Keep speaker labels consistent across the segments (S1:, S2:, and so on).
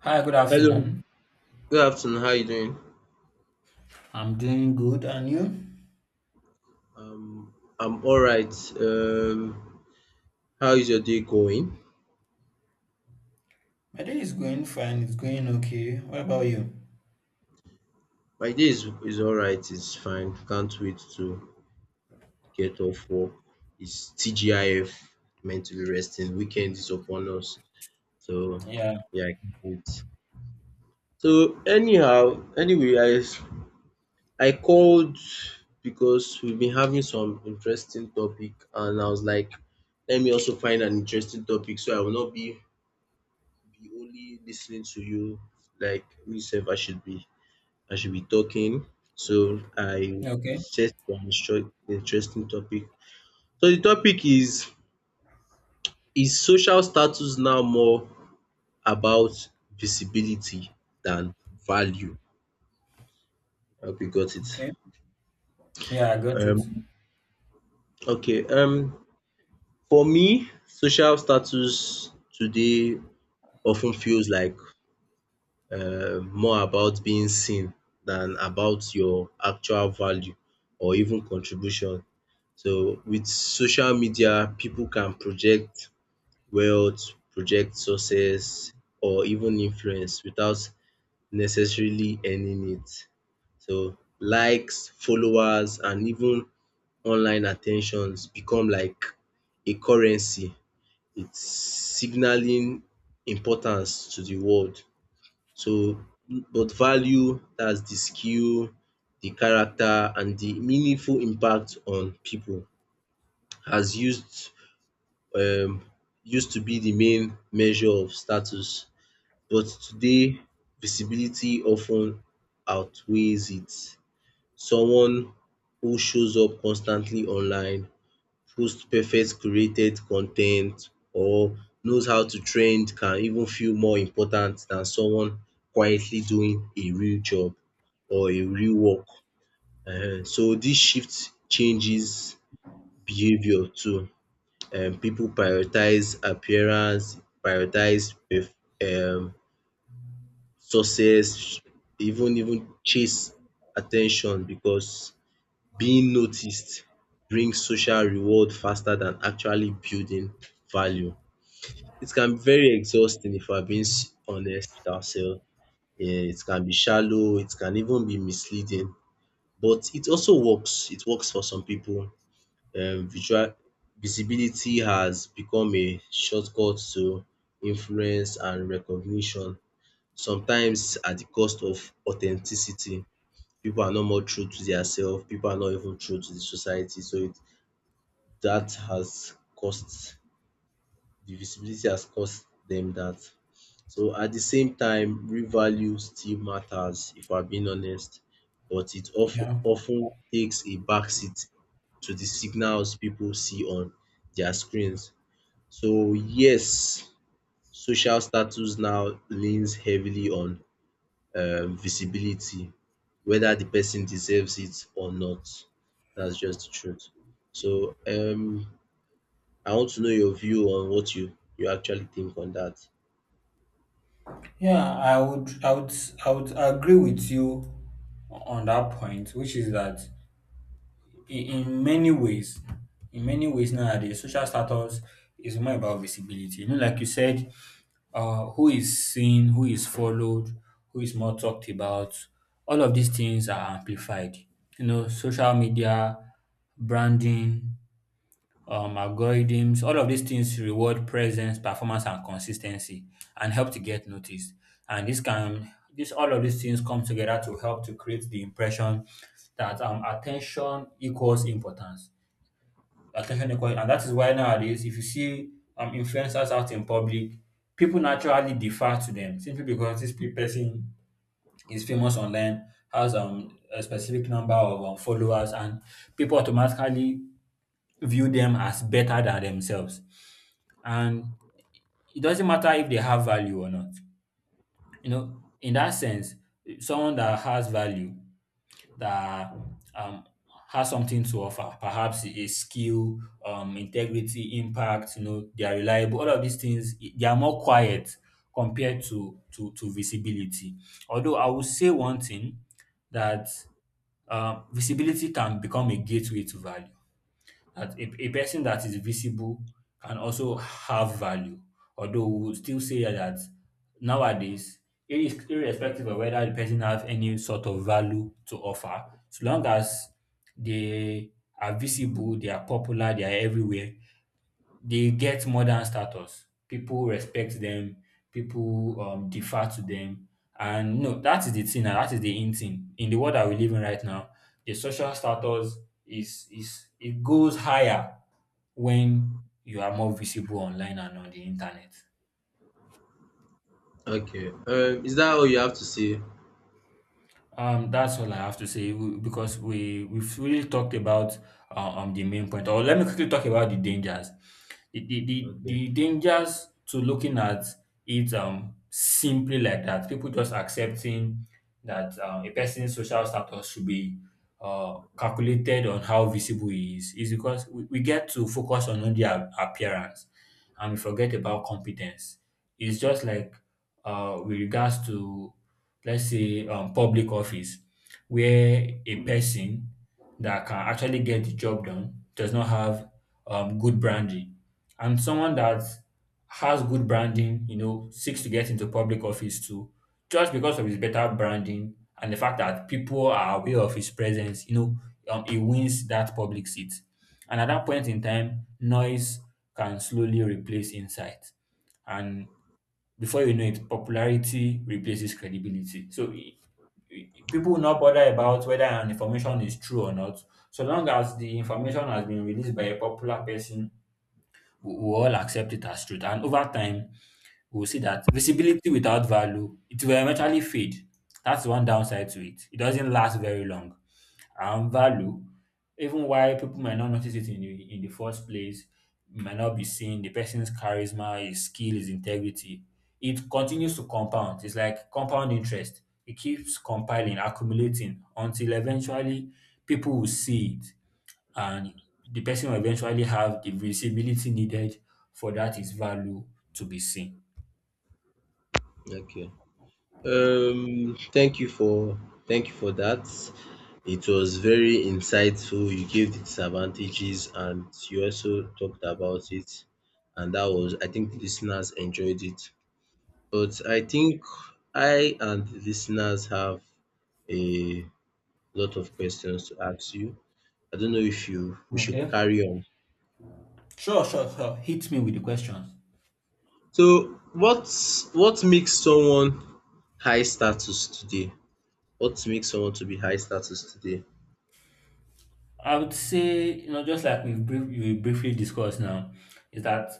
S1: Hi, good
S2: Hello,
S1: afternoon.
S2: good afternoon. How are you doing?
S1: I'm doing good, and you?
S2: I'm all right. Um, how is your day going?
S1: My day is going fine. It's going okay. What about you?
S2: My day is all right. It's fine. Can't wait to get off work. It's TGIF, meant to be resting. Weekend is upon us. So,
S1: Yeah.
S2: yeah, I can't wait. So, anyhow, anyway, I called because we've been having some interesting topic, and I was like, let me also find an interesting topic so I will not be only listening to you like myself. I should be talking. So I
S1: Okay.
S2: set an interesting topic. So the topic is social status now more about visibility than value? I hope you got it.
S1: Okay. Yeah, I got it.
S2: Um okay, for me social status today often feels like more about being seen than about your actual value or even contribution. So with social media, people can project wealth, project success, or even influence without necessarily earning it. So likes, followers, and even online attentions become like a currency. It's signaling importance to the world, so but value, that's the skill, the character and the meaningful impact on people has um used to be the main measure of status but today visibility often outweighs it. Someone who shows up constantly online post perfect curated con ten t or knows how to trend can even feel more important than someone quietly doing a real job or a real work. So dis shift changes behaviour too. Pipu prioritize appearance, prioritize um success, even chase at ten tion because being noticed brings social reward faster than actually building value. It can be very exhausting if we're being honest with ourselves. It can be shallow, it can even be misleading, but it also works. It works for some people. Visual Visibility has become a shortcut to influence and recognition, sometimes at the cost of authenticity. People are not more true to their self, people are not even true to the society. So it that has cost the visibility has cost them that. So at the same time, real value still matters if I'm being honest, but it of
S1: Yeah.
S2: often takes a backseat to the signals people see on their screens. So yes, social status now leans heavily on visibility, whether the person deserves it or not. That's just the truth. So I want to know your view on what you actually think on that.
S1: Yeah, I would, I would, I would agree with you on that point, which is that in many ways, in many ways nowadays, social status is more about visibility. You know, like you said, who is seen, who is followed, who is more talked about. All of these things are amplified. You know, social media, branding, algorithms, all of these things reward presence, performance, and consistency and help to get noticed. And this can this all of these things come together to help to create the impression that attention equals importance. Attention equals, and that is why nowadays, if you see influencers out in public, people naturally defer to them simply because person is famous online, has a specific number of followers, and people automatically view them as better than themselves, and it doesn't matter if they have value or not. You know, in that sense, someone that has value, that um, has something to offer, perhaps a skill, integrity, impact, you know, they are reliable, all of these things, they are more quiet compared to visibility. Although I will say one thing that visibility can become a gateway to value, that a person that is visible can also have value. Although we would still say that nowadays, irrespective of whether the person has any sort of value to offer, so long as they are visible, they are popular, they are everywhere, they get modern status. People respect them. People defer to them. And no, that is the thing. And that is the in thing in the world that we live in right now. The social status is, it goes higher when you are more visible online and on the internet.
S2: Okay. Is that all you have to say?
S1: That's all I have to say because we've really talked about the main point. Or let me quickly talk about the dangers. The the the,
S2: Okay.
S1: the dangers to looking at it simply like that. People just accepting that a person's social status should be calculated on how visible he is, because we get to focus on only our appearance and we forget about competence. It's just like with regards to, let's say, public office, where a person that can actually get the job done does not have good branding. And someone that has good branding, you know, seeks to get into public office too, just because of his better branding and the fact that people are aware of his presence, you know, he wins that public seat. And at that point in time, noise can slowly replace insight. And before you know it, popularity replaces credibility. So people will not bother about whether an information is true or not. So long as the information has been released by a popular person, we all accept it as truth. And over time, we'll see that visibility without value, it will eventually fade. That's one downside to it. It doesn't last very long, and value, even while people might not notice it in in the first place, might not be seen, the person's charisma, his skill, his integrity, it continues to compound. It's like compound interest. It keeps compiling, accumulating until eventually people will see it, and the person will eventually have the visibility needed for that his value to be seen.
S2: Okay. Um, thank you for thank you for that. It was very insightful. You gave the disadvantages and you also talked about it. And that was, I think, the listeners enjoyed it. But I think I and the listeners have a lot of questions to ask you. I don't know if you we should
S1: Okay.
S2: carry on.
S1: Sure. Hit me with the question.
S2: So what makes someone high status today? What makes someone to be high status today?
S1: I would say, you know, just like we briefly discussed now, is that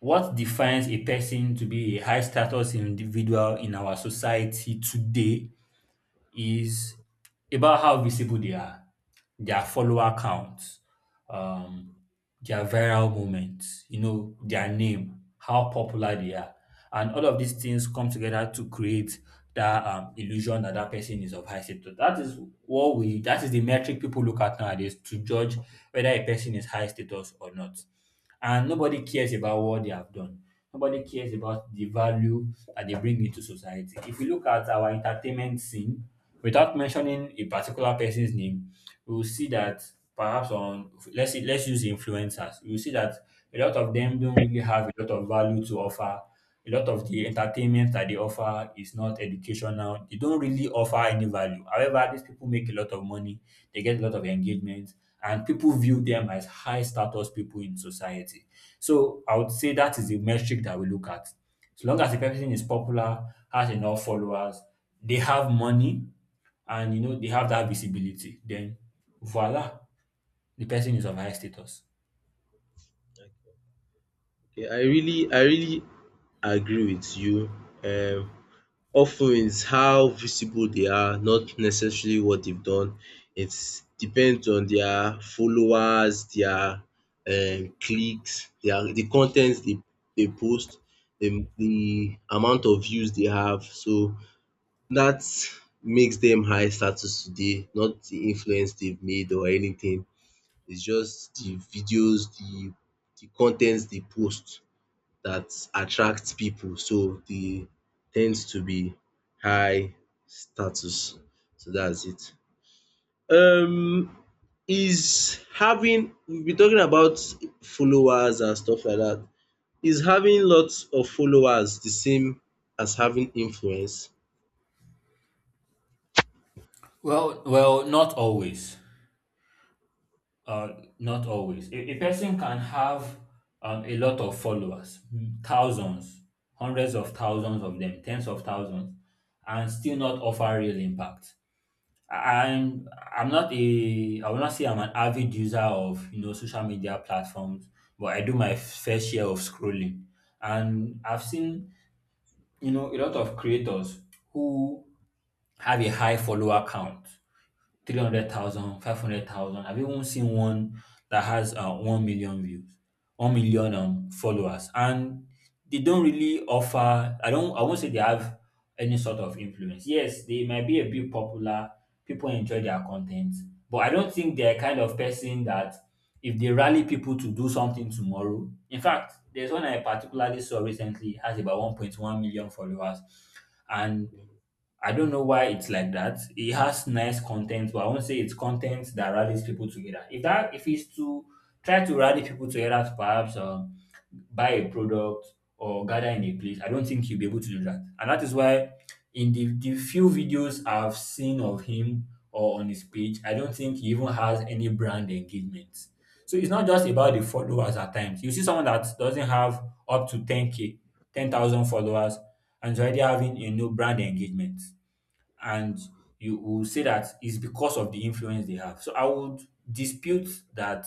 S1: what defines a person to be a high status individual in our society today is about how visible they are, their follower counts, um, their viral moments, you know, their name, how popular they are. And all of these things come together to create that illusion that that person is of high status. That is that is the metric people look at nowadays to judge whether a person is high status or not. And nobody cares about what they have done. Nobody cares about the value that they bring into society. If you look at our entertainment scene, without mentioning a particular person's name, we will see that perhaps on let's use influencers. You will see that a lot of them don't really have a lot of value to offer. A lot of the entertainment that they offer is not educational. They don't really offer any value. However, these people make a lot of money. They get a lot of engagement, and people view them as high status people in society. So I would say that is the metric that we look at. As long as the person is popular, has enough followers, they have money, and you know they have that visibility, then voila, the person is of high status.
S2: Okay, I really agree with you. Um of ten how visible they are, not necessarily what they've done. It's depends on their followers, their clicks, the contents they post, the amount of views they have. So that makes them high status today, not the influence they've made or anything. It's just the videos, the contents they post that attract people. So they tend to be high status. So that's it. Um, is having We've been talking about followers and stuff like that. Is having lots of followers the same as having influence?
S1: Well, not always. Uh, Not always. A person can have a lot of followers, thousands, hundreds of thousands of them, tens of thousands, and still not offer real impact. I- I'm I will not say I'm an avid user of, you know, social media platforms, but I do my fair share of scrolling, and I've seen, you know, a lot of creators who have a high follower count, 300,000, 500,000. I've even seen one that has 1 million views, 1 million followers, and they don't really offer. I don't. I won't say they have any sort of influence. Yes, they might be a bit popular. People enjoy their content, but I don't think they're kind of person that if they rally people to do something tomorrow. In fact, there's one I particularly saw recently has about 1.1 million followers, and I don't know why it's like that. It has nice content, but I won't say it's content that rallies people together. If it's to try to rally people together to perhaps buy a product or gather in a place, I don't think he will be able to do that. And that is why in the few videos I've seen of him or on his page, I don't think he even has any brand engagement. So it's not just about the followers at times. You see someone that doesn't have up to 10k, 10,000 followers, and is already having a new brand engagement, and you will say that it's because of the influence they have. So I would dispute that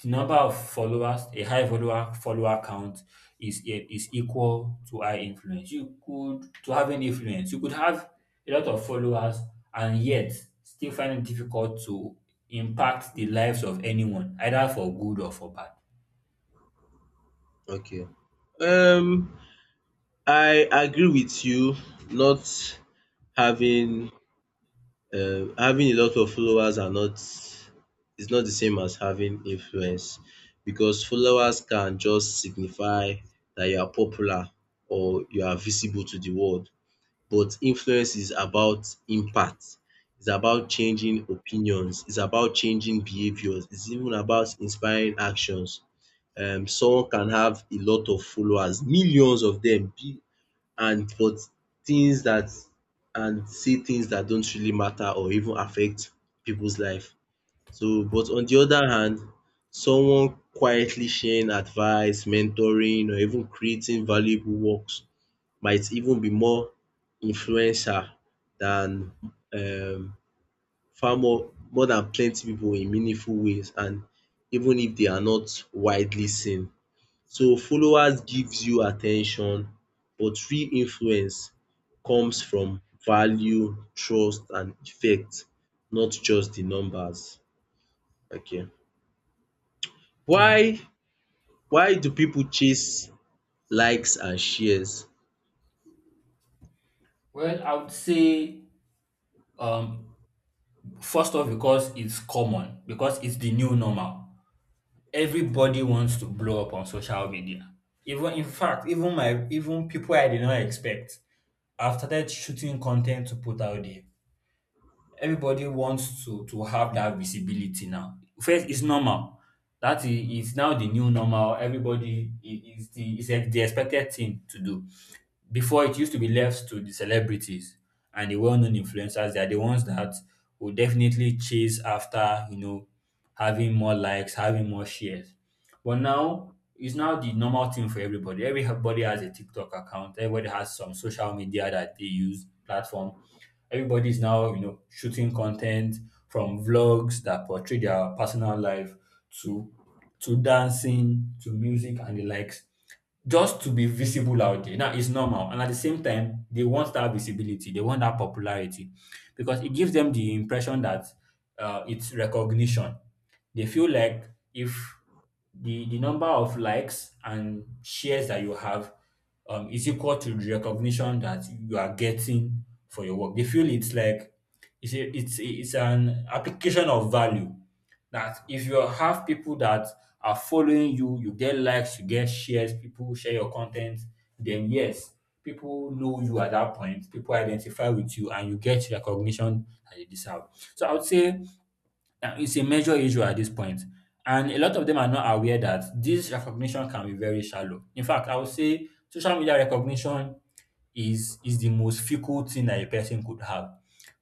S1: the number of followers, a high follower count is equal to high influence. You could To have an influence, you could have a lot of followers and yet still find it difficult to impact the lives of anyone, either for good or for bad.
S2: Okay. Um I agree with you. Not having having a lot of followers are not is not the same as having influence because followers can just signify that you are popular or you are visible to the world. But influence is about impact. It's about changing opinions. It's about changing behaviors. It's even about inspiring actions. Someone can have a lot of followers, millions of them, and but things that and see things that don't really matter or even affect people's life. But on the other hand, someone quietly sharing advice, mentoring or even creating valuable works might even be more influential than um far more than plenty pipu in meaningful ways, and even if they are not widely seen. So followers gives you attention, but real influence comes from value, trust and effect, not just the numbers. Okay.
S1: Yeah.
S2: Why why do people chase likes and shares?
S1: Well, I would say, um first off, because it's common, because it's the new normal. Everybody wants to blow up on social media. Even in fact, even my even people I did not expect, I've started shooting content to put out there. Everybody wants to have that visibility now. First, it's normal. Is now the new normal. Everybody I- is the Is the expected thing to do. Before, it used to be left to the celebrities and the well-known influencers. They are the ones that will definitely chase after, you know, having more likes, having more shares. But now it's now the normal thing for everybody. Everybody has a TikTok account. Everybody has some social media that they use platform. Everybody's now, you know, shooting content, from vlogs that portray their personal life to to dancing, to music and the likes, just to be visible out there. Now it's normal, and at the same time, they want that visibility, they want that popularity, because it gives them the impression that it's recognition. They feel like if the number of likes and shares that you have is equal to the recognition that you are getting for your work, they feel it's like it's an application of value, that if you have people that are following you, you get likes, you get shares, people share your content, then yes, people know you at that point, people identify with you, and you get recognition that you deserve. So I would say now, it's a major issue at this point, and a lot of them are not aware that this recognition can be very shallow. In fact, I would say social media recognition is the most fickle thing that a person could have.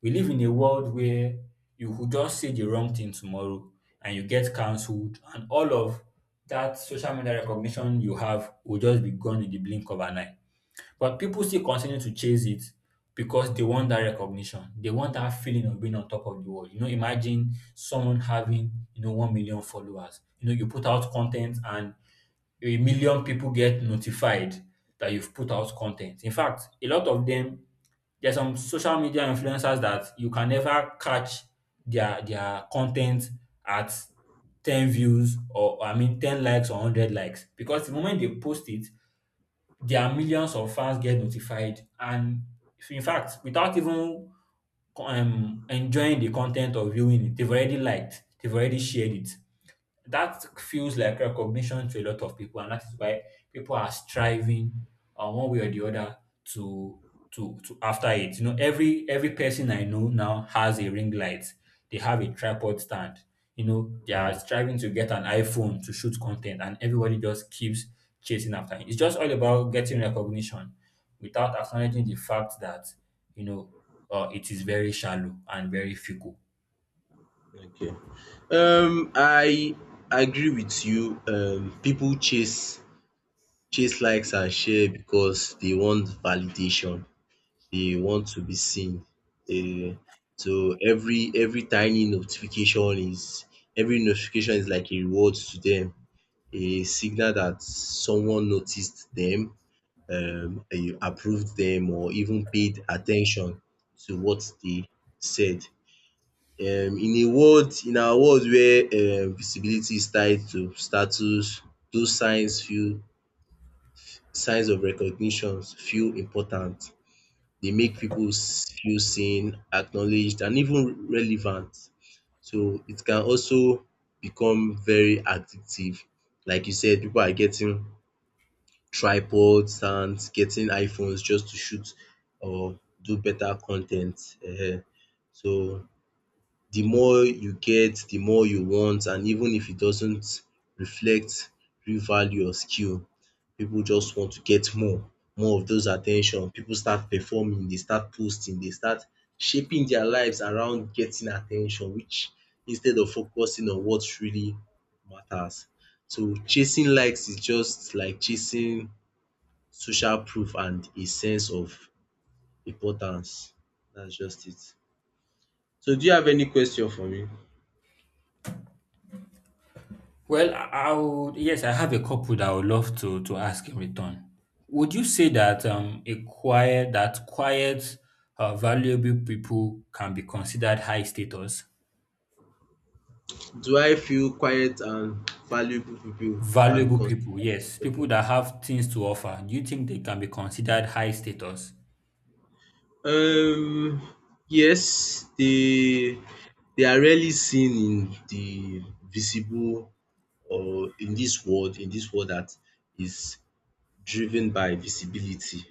S1: We live in a world where you could just say the wrong thing tomorrow and you get cancelled, and all of that social media recognition you have will just be gone in the blink of an eye. But people still continue to chase it because they want that recognition. They want that feeling of being on top of the world. You know, imagine someone having, 1 million followers. You know, you put out content and a million people get notified that you've put out content. In fact, a lot of them, there's some social media influencers that you can never catch their content at 10 views, or I mean 10 likes or 100 likes, because the moment they post it, their millions of fans get notified and in fact, without even enjoying the content or viewing it, they've already liked, they've already shared it. That feels like recognition to a lot of people, and that is why people are striving, one way or the other, to after it. You know, every person I know now has a ring light. They have a tripod stand. You know, they are
S2: Mm,
S1: striving to get an iPhone to shoot content, and everybody just keeps chasing after it. It's just all about getting recognition without acknowledging the fact that you know it is very shallow and very fickle.
S2: okay. I agree with you. People chase likes and share because they want validation. They want to be seen. Um, so every tiny notification is every notification is like a reward to them, a signal that someone noticed them, approved them, or even paid attention to what they said. In our world where visibility is tied to status, those signs feel signs of recognitions feel important. They make people feel seen, acknowledged, and even relevant. So it can also become very addictive. Like you said, people are getting tripods and getting iPhones just to shoot or do better content. Ten t. So the more you get, the more you want, and even if it doesn't reflect real value or skill, people just want to get more of those attention. People start performing, they start posting, they start shaping their lives around getting attention, which instead of focusing on what really matters. So chasing likes is just like chasing social proof and a sense of importance. That's just it. So do you have any question for me?
S1: Well, I I have a couple that I would love to ask in return. Would you say that a quiet that quiet, valuable people can be considered high status?
S2: Do I feel quiet and valuable people can be
S1: Valuable people,
S2: considered
S1: yes, people
S2: okay?
S1: that have things to offer. Do you think they can be considered high status?
S2: Um, yes, they are rarely seen in the visible or in this world, that is driven by visibility.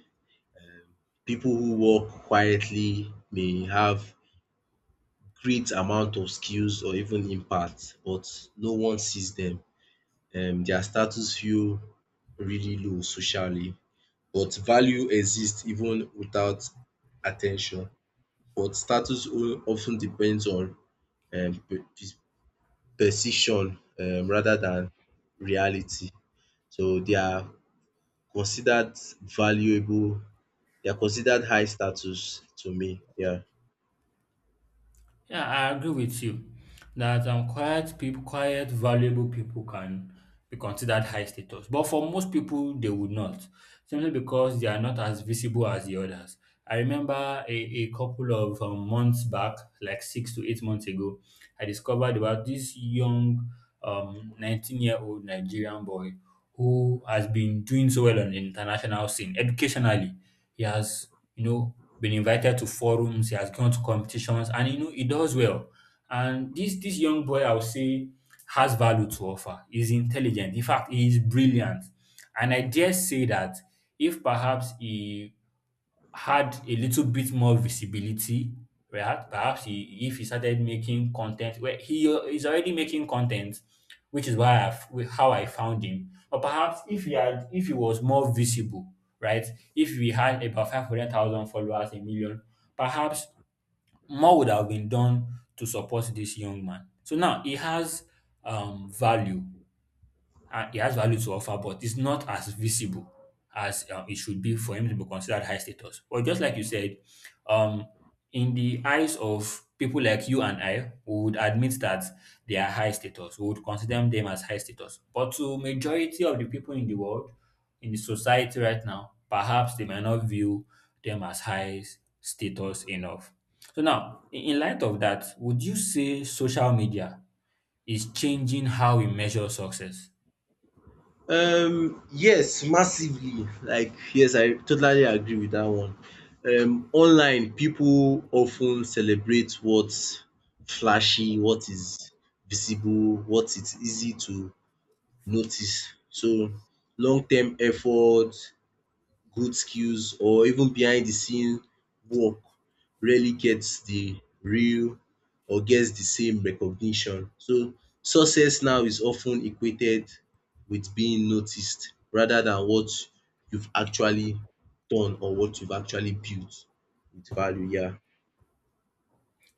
S2: People who work quietly may have great amount of skills or even impact, but no one sees them. Their status feel really low socially. But value exists even without attention. But status often depends on um, per- perception, rather than reality. So they are considered valuable. They are considered high status to me. Yeah.
S1: Yeah, I agree with you that quiet people, quiet, valuable people can be considered high status. But for most people, they would not, simply because they are not as visible as the others. I remember a couple of months back, like 6 to 8 months ago, I discovered about this young 19-year-old Nigerian boy who has been doing so well on the international scene educationally. He has, you know, been invited to forums, he has gone to competitions, and you know he does well. And this young boy, I would say, has value to offer. He's intelligent. In fact, he is brilliant. And I dare say that if perhaps he had a little bit more visibility, right? Perhaps he if he started making content, where he is already making content, which is why I've how I found him. Or perhaps if he was more visible, right? If we had about 500,000 followers, a million, perhaps more would have been done to support this young man. So now he has value he has value to offer, but it's not as visible as it should be for him to be considered high status. But just like you said, um, in the eyes of people like you and I, we would admit that they are high status. We would consider them as high status. But to majority of the people in the world, in the society right now, perhaps they might not view them as high status enough. So now, in light of that, would you say social media is changing how we measure success?
S2: Yes, massively. Like, yes, I totally agree with that one. Online, people often celebrate what's flashy, what is visible, what it's easy to notice. So, long-term effort, good skills or even behind the scene work rarely gets the same recognition. So success now is often equated with being noticed rather than what you've actually done or what you've actually built with value. Yeah.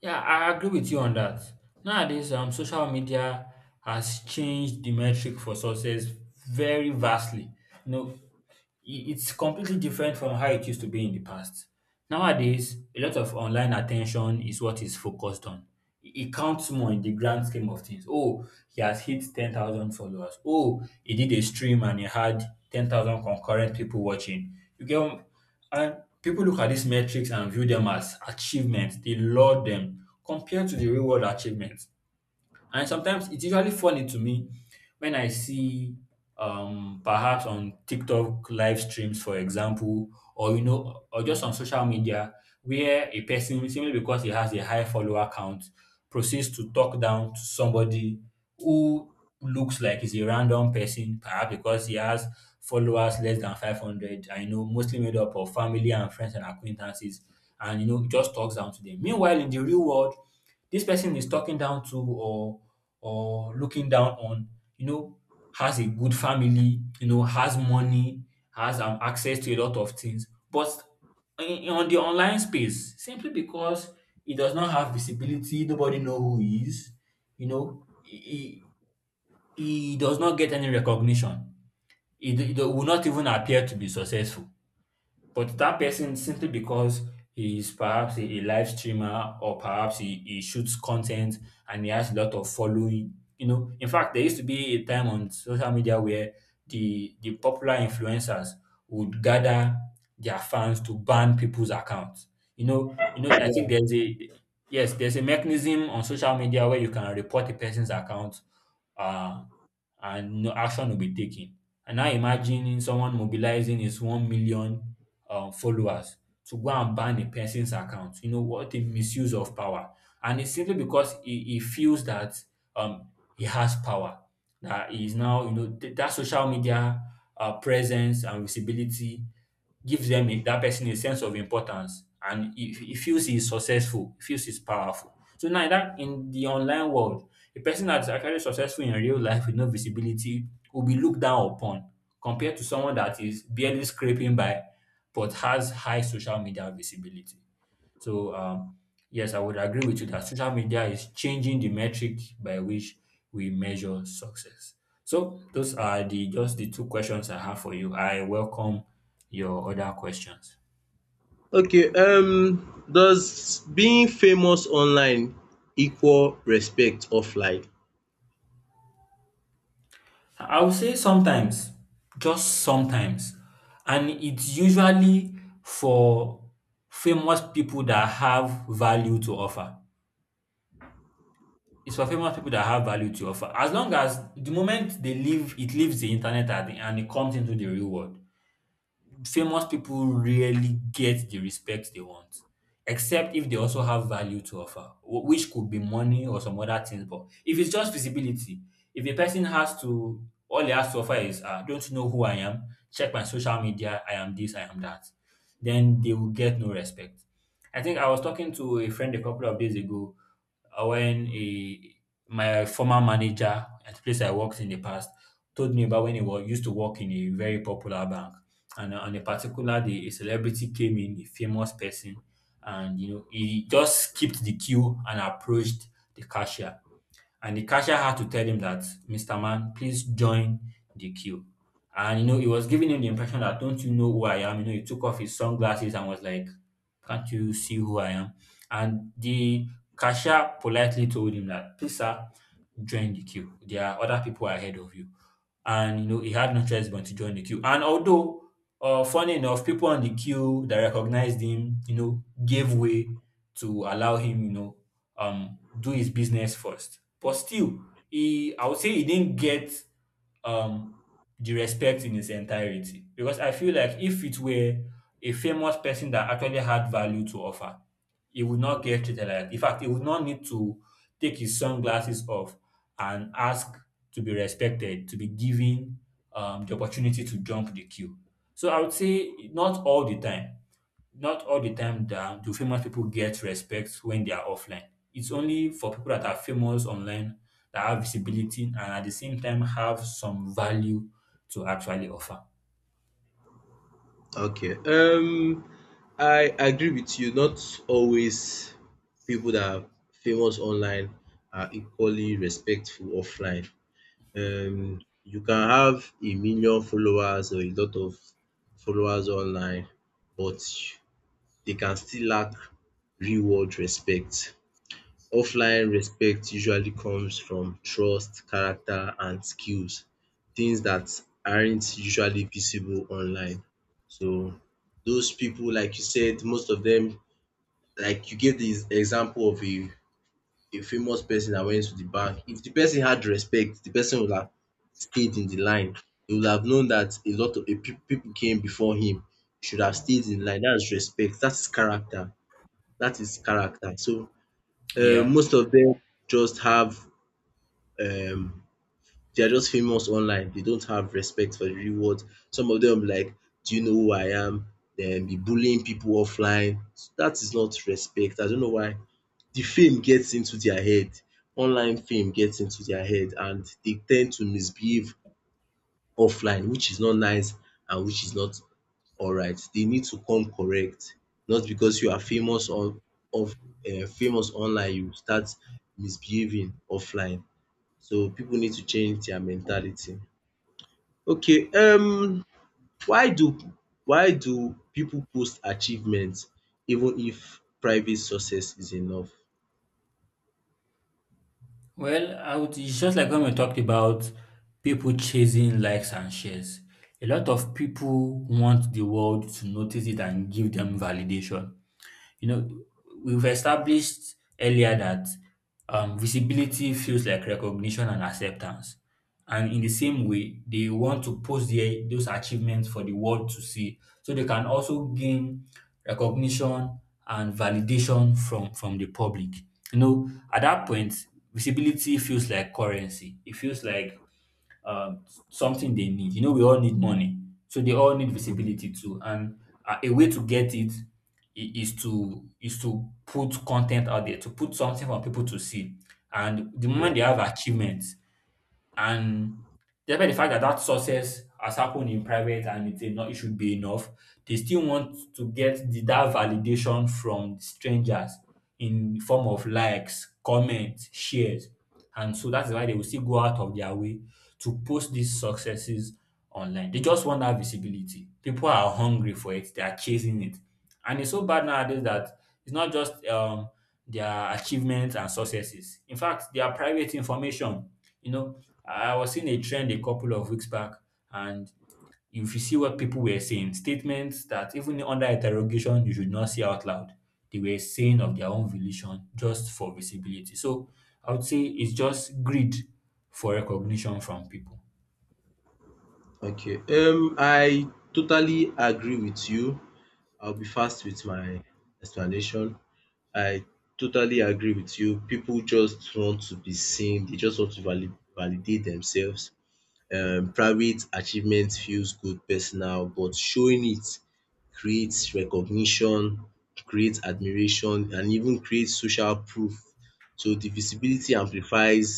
S1: Yeah, I agree with you on that. Nowadays, social media has changed the metric for success very vastly. You know, it's completely different from how it used to be in the past. Nowadays, a lot of online attention is what is focused on. It counts more in the grand scheme of things. Oh, he has hit 10,000 followers. Oh, he did a stream and he had 10,000 concurrent people watching. You get. And people look at these metrics and view them as achievements. They laud them compared to the real world achievements. And sometimes it's usually funny to me when I see perhaps on TikTok live streams, for example, or you know, or just on social media, where a person, simply because he has a high follower count, proceeds to talk down to somebody who looks like he's a random person, perhaps because he has followers less than 500, I know, mostly made up of family and friends and acquaintances, and you know, just talks down to them. Meanwhile, in the real world, this person is talking down to or looking down on, you know, has a good family, you know, has money, has access to a lot of things. But on the online space, simply because he does not have visibility, nobody know who he is, you know, he, he does not get any recognition. He will not even appear to be successful. But that person, simply because he is perhaps a live streamer, or perhaps he shoots content and he has a lot of following. You know, in fact, there used to be a time on social media where the popular influencers would gather their fans to ban people's accounts. I think there's a, yes, there's a mechanism on social media where you can report a person's account, uh, and no action will be taken. And now imagining someone mobilizing his 1 million followers to go and ban a person's account. You know, what a misuse of power. And it's simply because he feels that um, he has power, that he is now, you know, that social media presence and visibility gives that person a sense of importance, and he feels he's successful, he feels he's powerful. So now in the online world, a person that's actually successful in real life with no visibility will be looked down upon compared to someone that is barely scraping by but has high social media visibility. So, yes, I would agree with you that social media is changing the metric by which we measure success. So, those are the just the two questions I have for you. I welcome your other questions.
S2: Okay, does being famous online equal respect offline?
S1: I would say sometimes, just sometimes, and it's usually for famous people that have value to offer. It's for famous people that have value to offer. As long as the moment they leave, it leaves the internet, and it comes into the real world, famous people rarely get the respect they want, except if they also have value to offer, which could be money or some other things. But if it's just visibility, if a person has to, all he has to offer is, don't you know who I am? Check my social media. I am this, I am that. Then they will get no respect. I think I was talking to a friend a couple of days ago, when my former manager at the place I worked in the past told me about when used to work in a very popular bank, and on a particular day a celebrity came in, a famous person, and you know he just skipped the queue and approached the cashier. And the cashier had to tell him that, "Mr. Man, please join the queue." And you know he was giving him the impression that, "Don't you know who I am?" You know he took off his sunglasses and was like, "Can't you see who I am?" And the cashier politely told him that, "Please, sir, join the queue. There are other people ahead of you." And you know he had no choice but to join the queue. And although, funny enough, people on the queue that recognized him, you know, gave way to allow him, you know, do his business first. But still, he I would say he didn't get um the respect in its entirety, because I feel like if it were a famous person that actually had value to offer, he would not get treated like that. In fact, he would not need to take his sunglasses off and ask to be respected, to be given the opportunity to jump the queue. So I would say not all the time, not all the time that do famous people get respect when they are offline. It's only for people that are famous online that have visibility and at the same time have some value to actually offer.
S2: Okay. I agree with you. Not always people that are famous online are equally respectful offline. You can have a million followers or a lot of followers online, but they can still lack real world respect. Offline respect usually comes from trust, character and skills, things that aren't usually visible online. So those people, like you said, most of them, like you gave the example of a famous person that went to the bank. If the person had respect, the person would have stayed in the line. He would have known that a lot of people came before him, should have stayed in line. That's respect. That's character. That is character. So
S1: Yeah.
S2: most of them just have um they are just famous online. They don't have respect for the real world. Some of them like, do you know who I am? Then be bullying people offline. So that is not respect. I don't know why the fame gets into their head. Online fame gets into their head and they tend to misbehave offline, which is not nice and which is not alright. They need to come correct. Not because you are famous on of famous online you start misbehaving offline. So people need to change their mentality. Okay, why do why do people post achievements even if private success is enough?
S1: Well, it's just like when we talked about people chasing likes and shares. A lot of people want the world to notice it and give them validation. You know, we've established earlier that visibility feels like recognition and acceptance. And in the same way, they want to post those achievements for the world to see. So they can also gain recognition and validation from the public. You know, at that point, visibility feels like currency. It feels like something they need. You know, we all need money, so they all need visibility too. And a way to get it is to put content out there, to put something for people to see. And the moment they have achievements, and despite the fact that that success has happened in private and it not, it should be enough, they still want to get that validation from strangers in form of likes, comments, shares. And so that's why they will still go out of their way to post these successes online. They just want that visibility. People are hungry for it. They are chasing it. And it's so bad nowadays that it's not just their achievements and successes. In fact, their private information. You know, I was seeing a trend a couple of weeks back, and if you see what people were saying, statements that even under interrogation you should not say out loud, they were saying of their own volition just for visibility. So I would say it's just greed for recognition from people.
S2: Okay, I totally agree with you. I'll be fast with my explanation. I totally agree with you. People just want to be seen. They just want to validate themselves. Private achievement feels good personal, but showing it creates recognition, creates admiration, and even creates social proof. So the visibility amplifies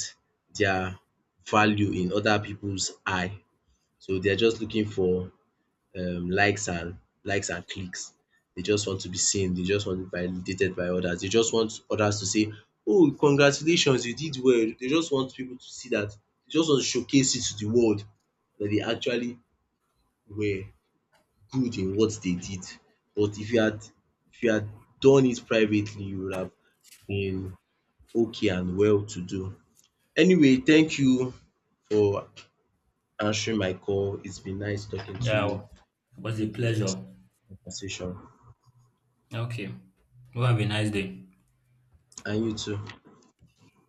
S2: their value in other people's eye. So they are just looking for um, likes and likes and clicks. They just want to be seen. They just want to be validated by others. They just want others to say, "Oh, congratulations, you did well." They just want people to see that. They just want to showcase it to the world that they actually were good in what they did. But if you had done it privately, you would have been okay and well to do. Anyway, thank you for answering my call. It's been nice talking to you.
S1: Yeah, it
S2: See
S1: was
S2: you
S1: a
S2: in the next
S1: pleasure.
S2: conversation.
S1: Okay. You have a nice day.
S2: And you too.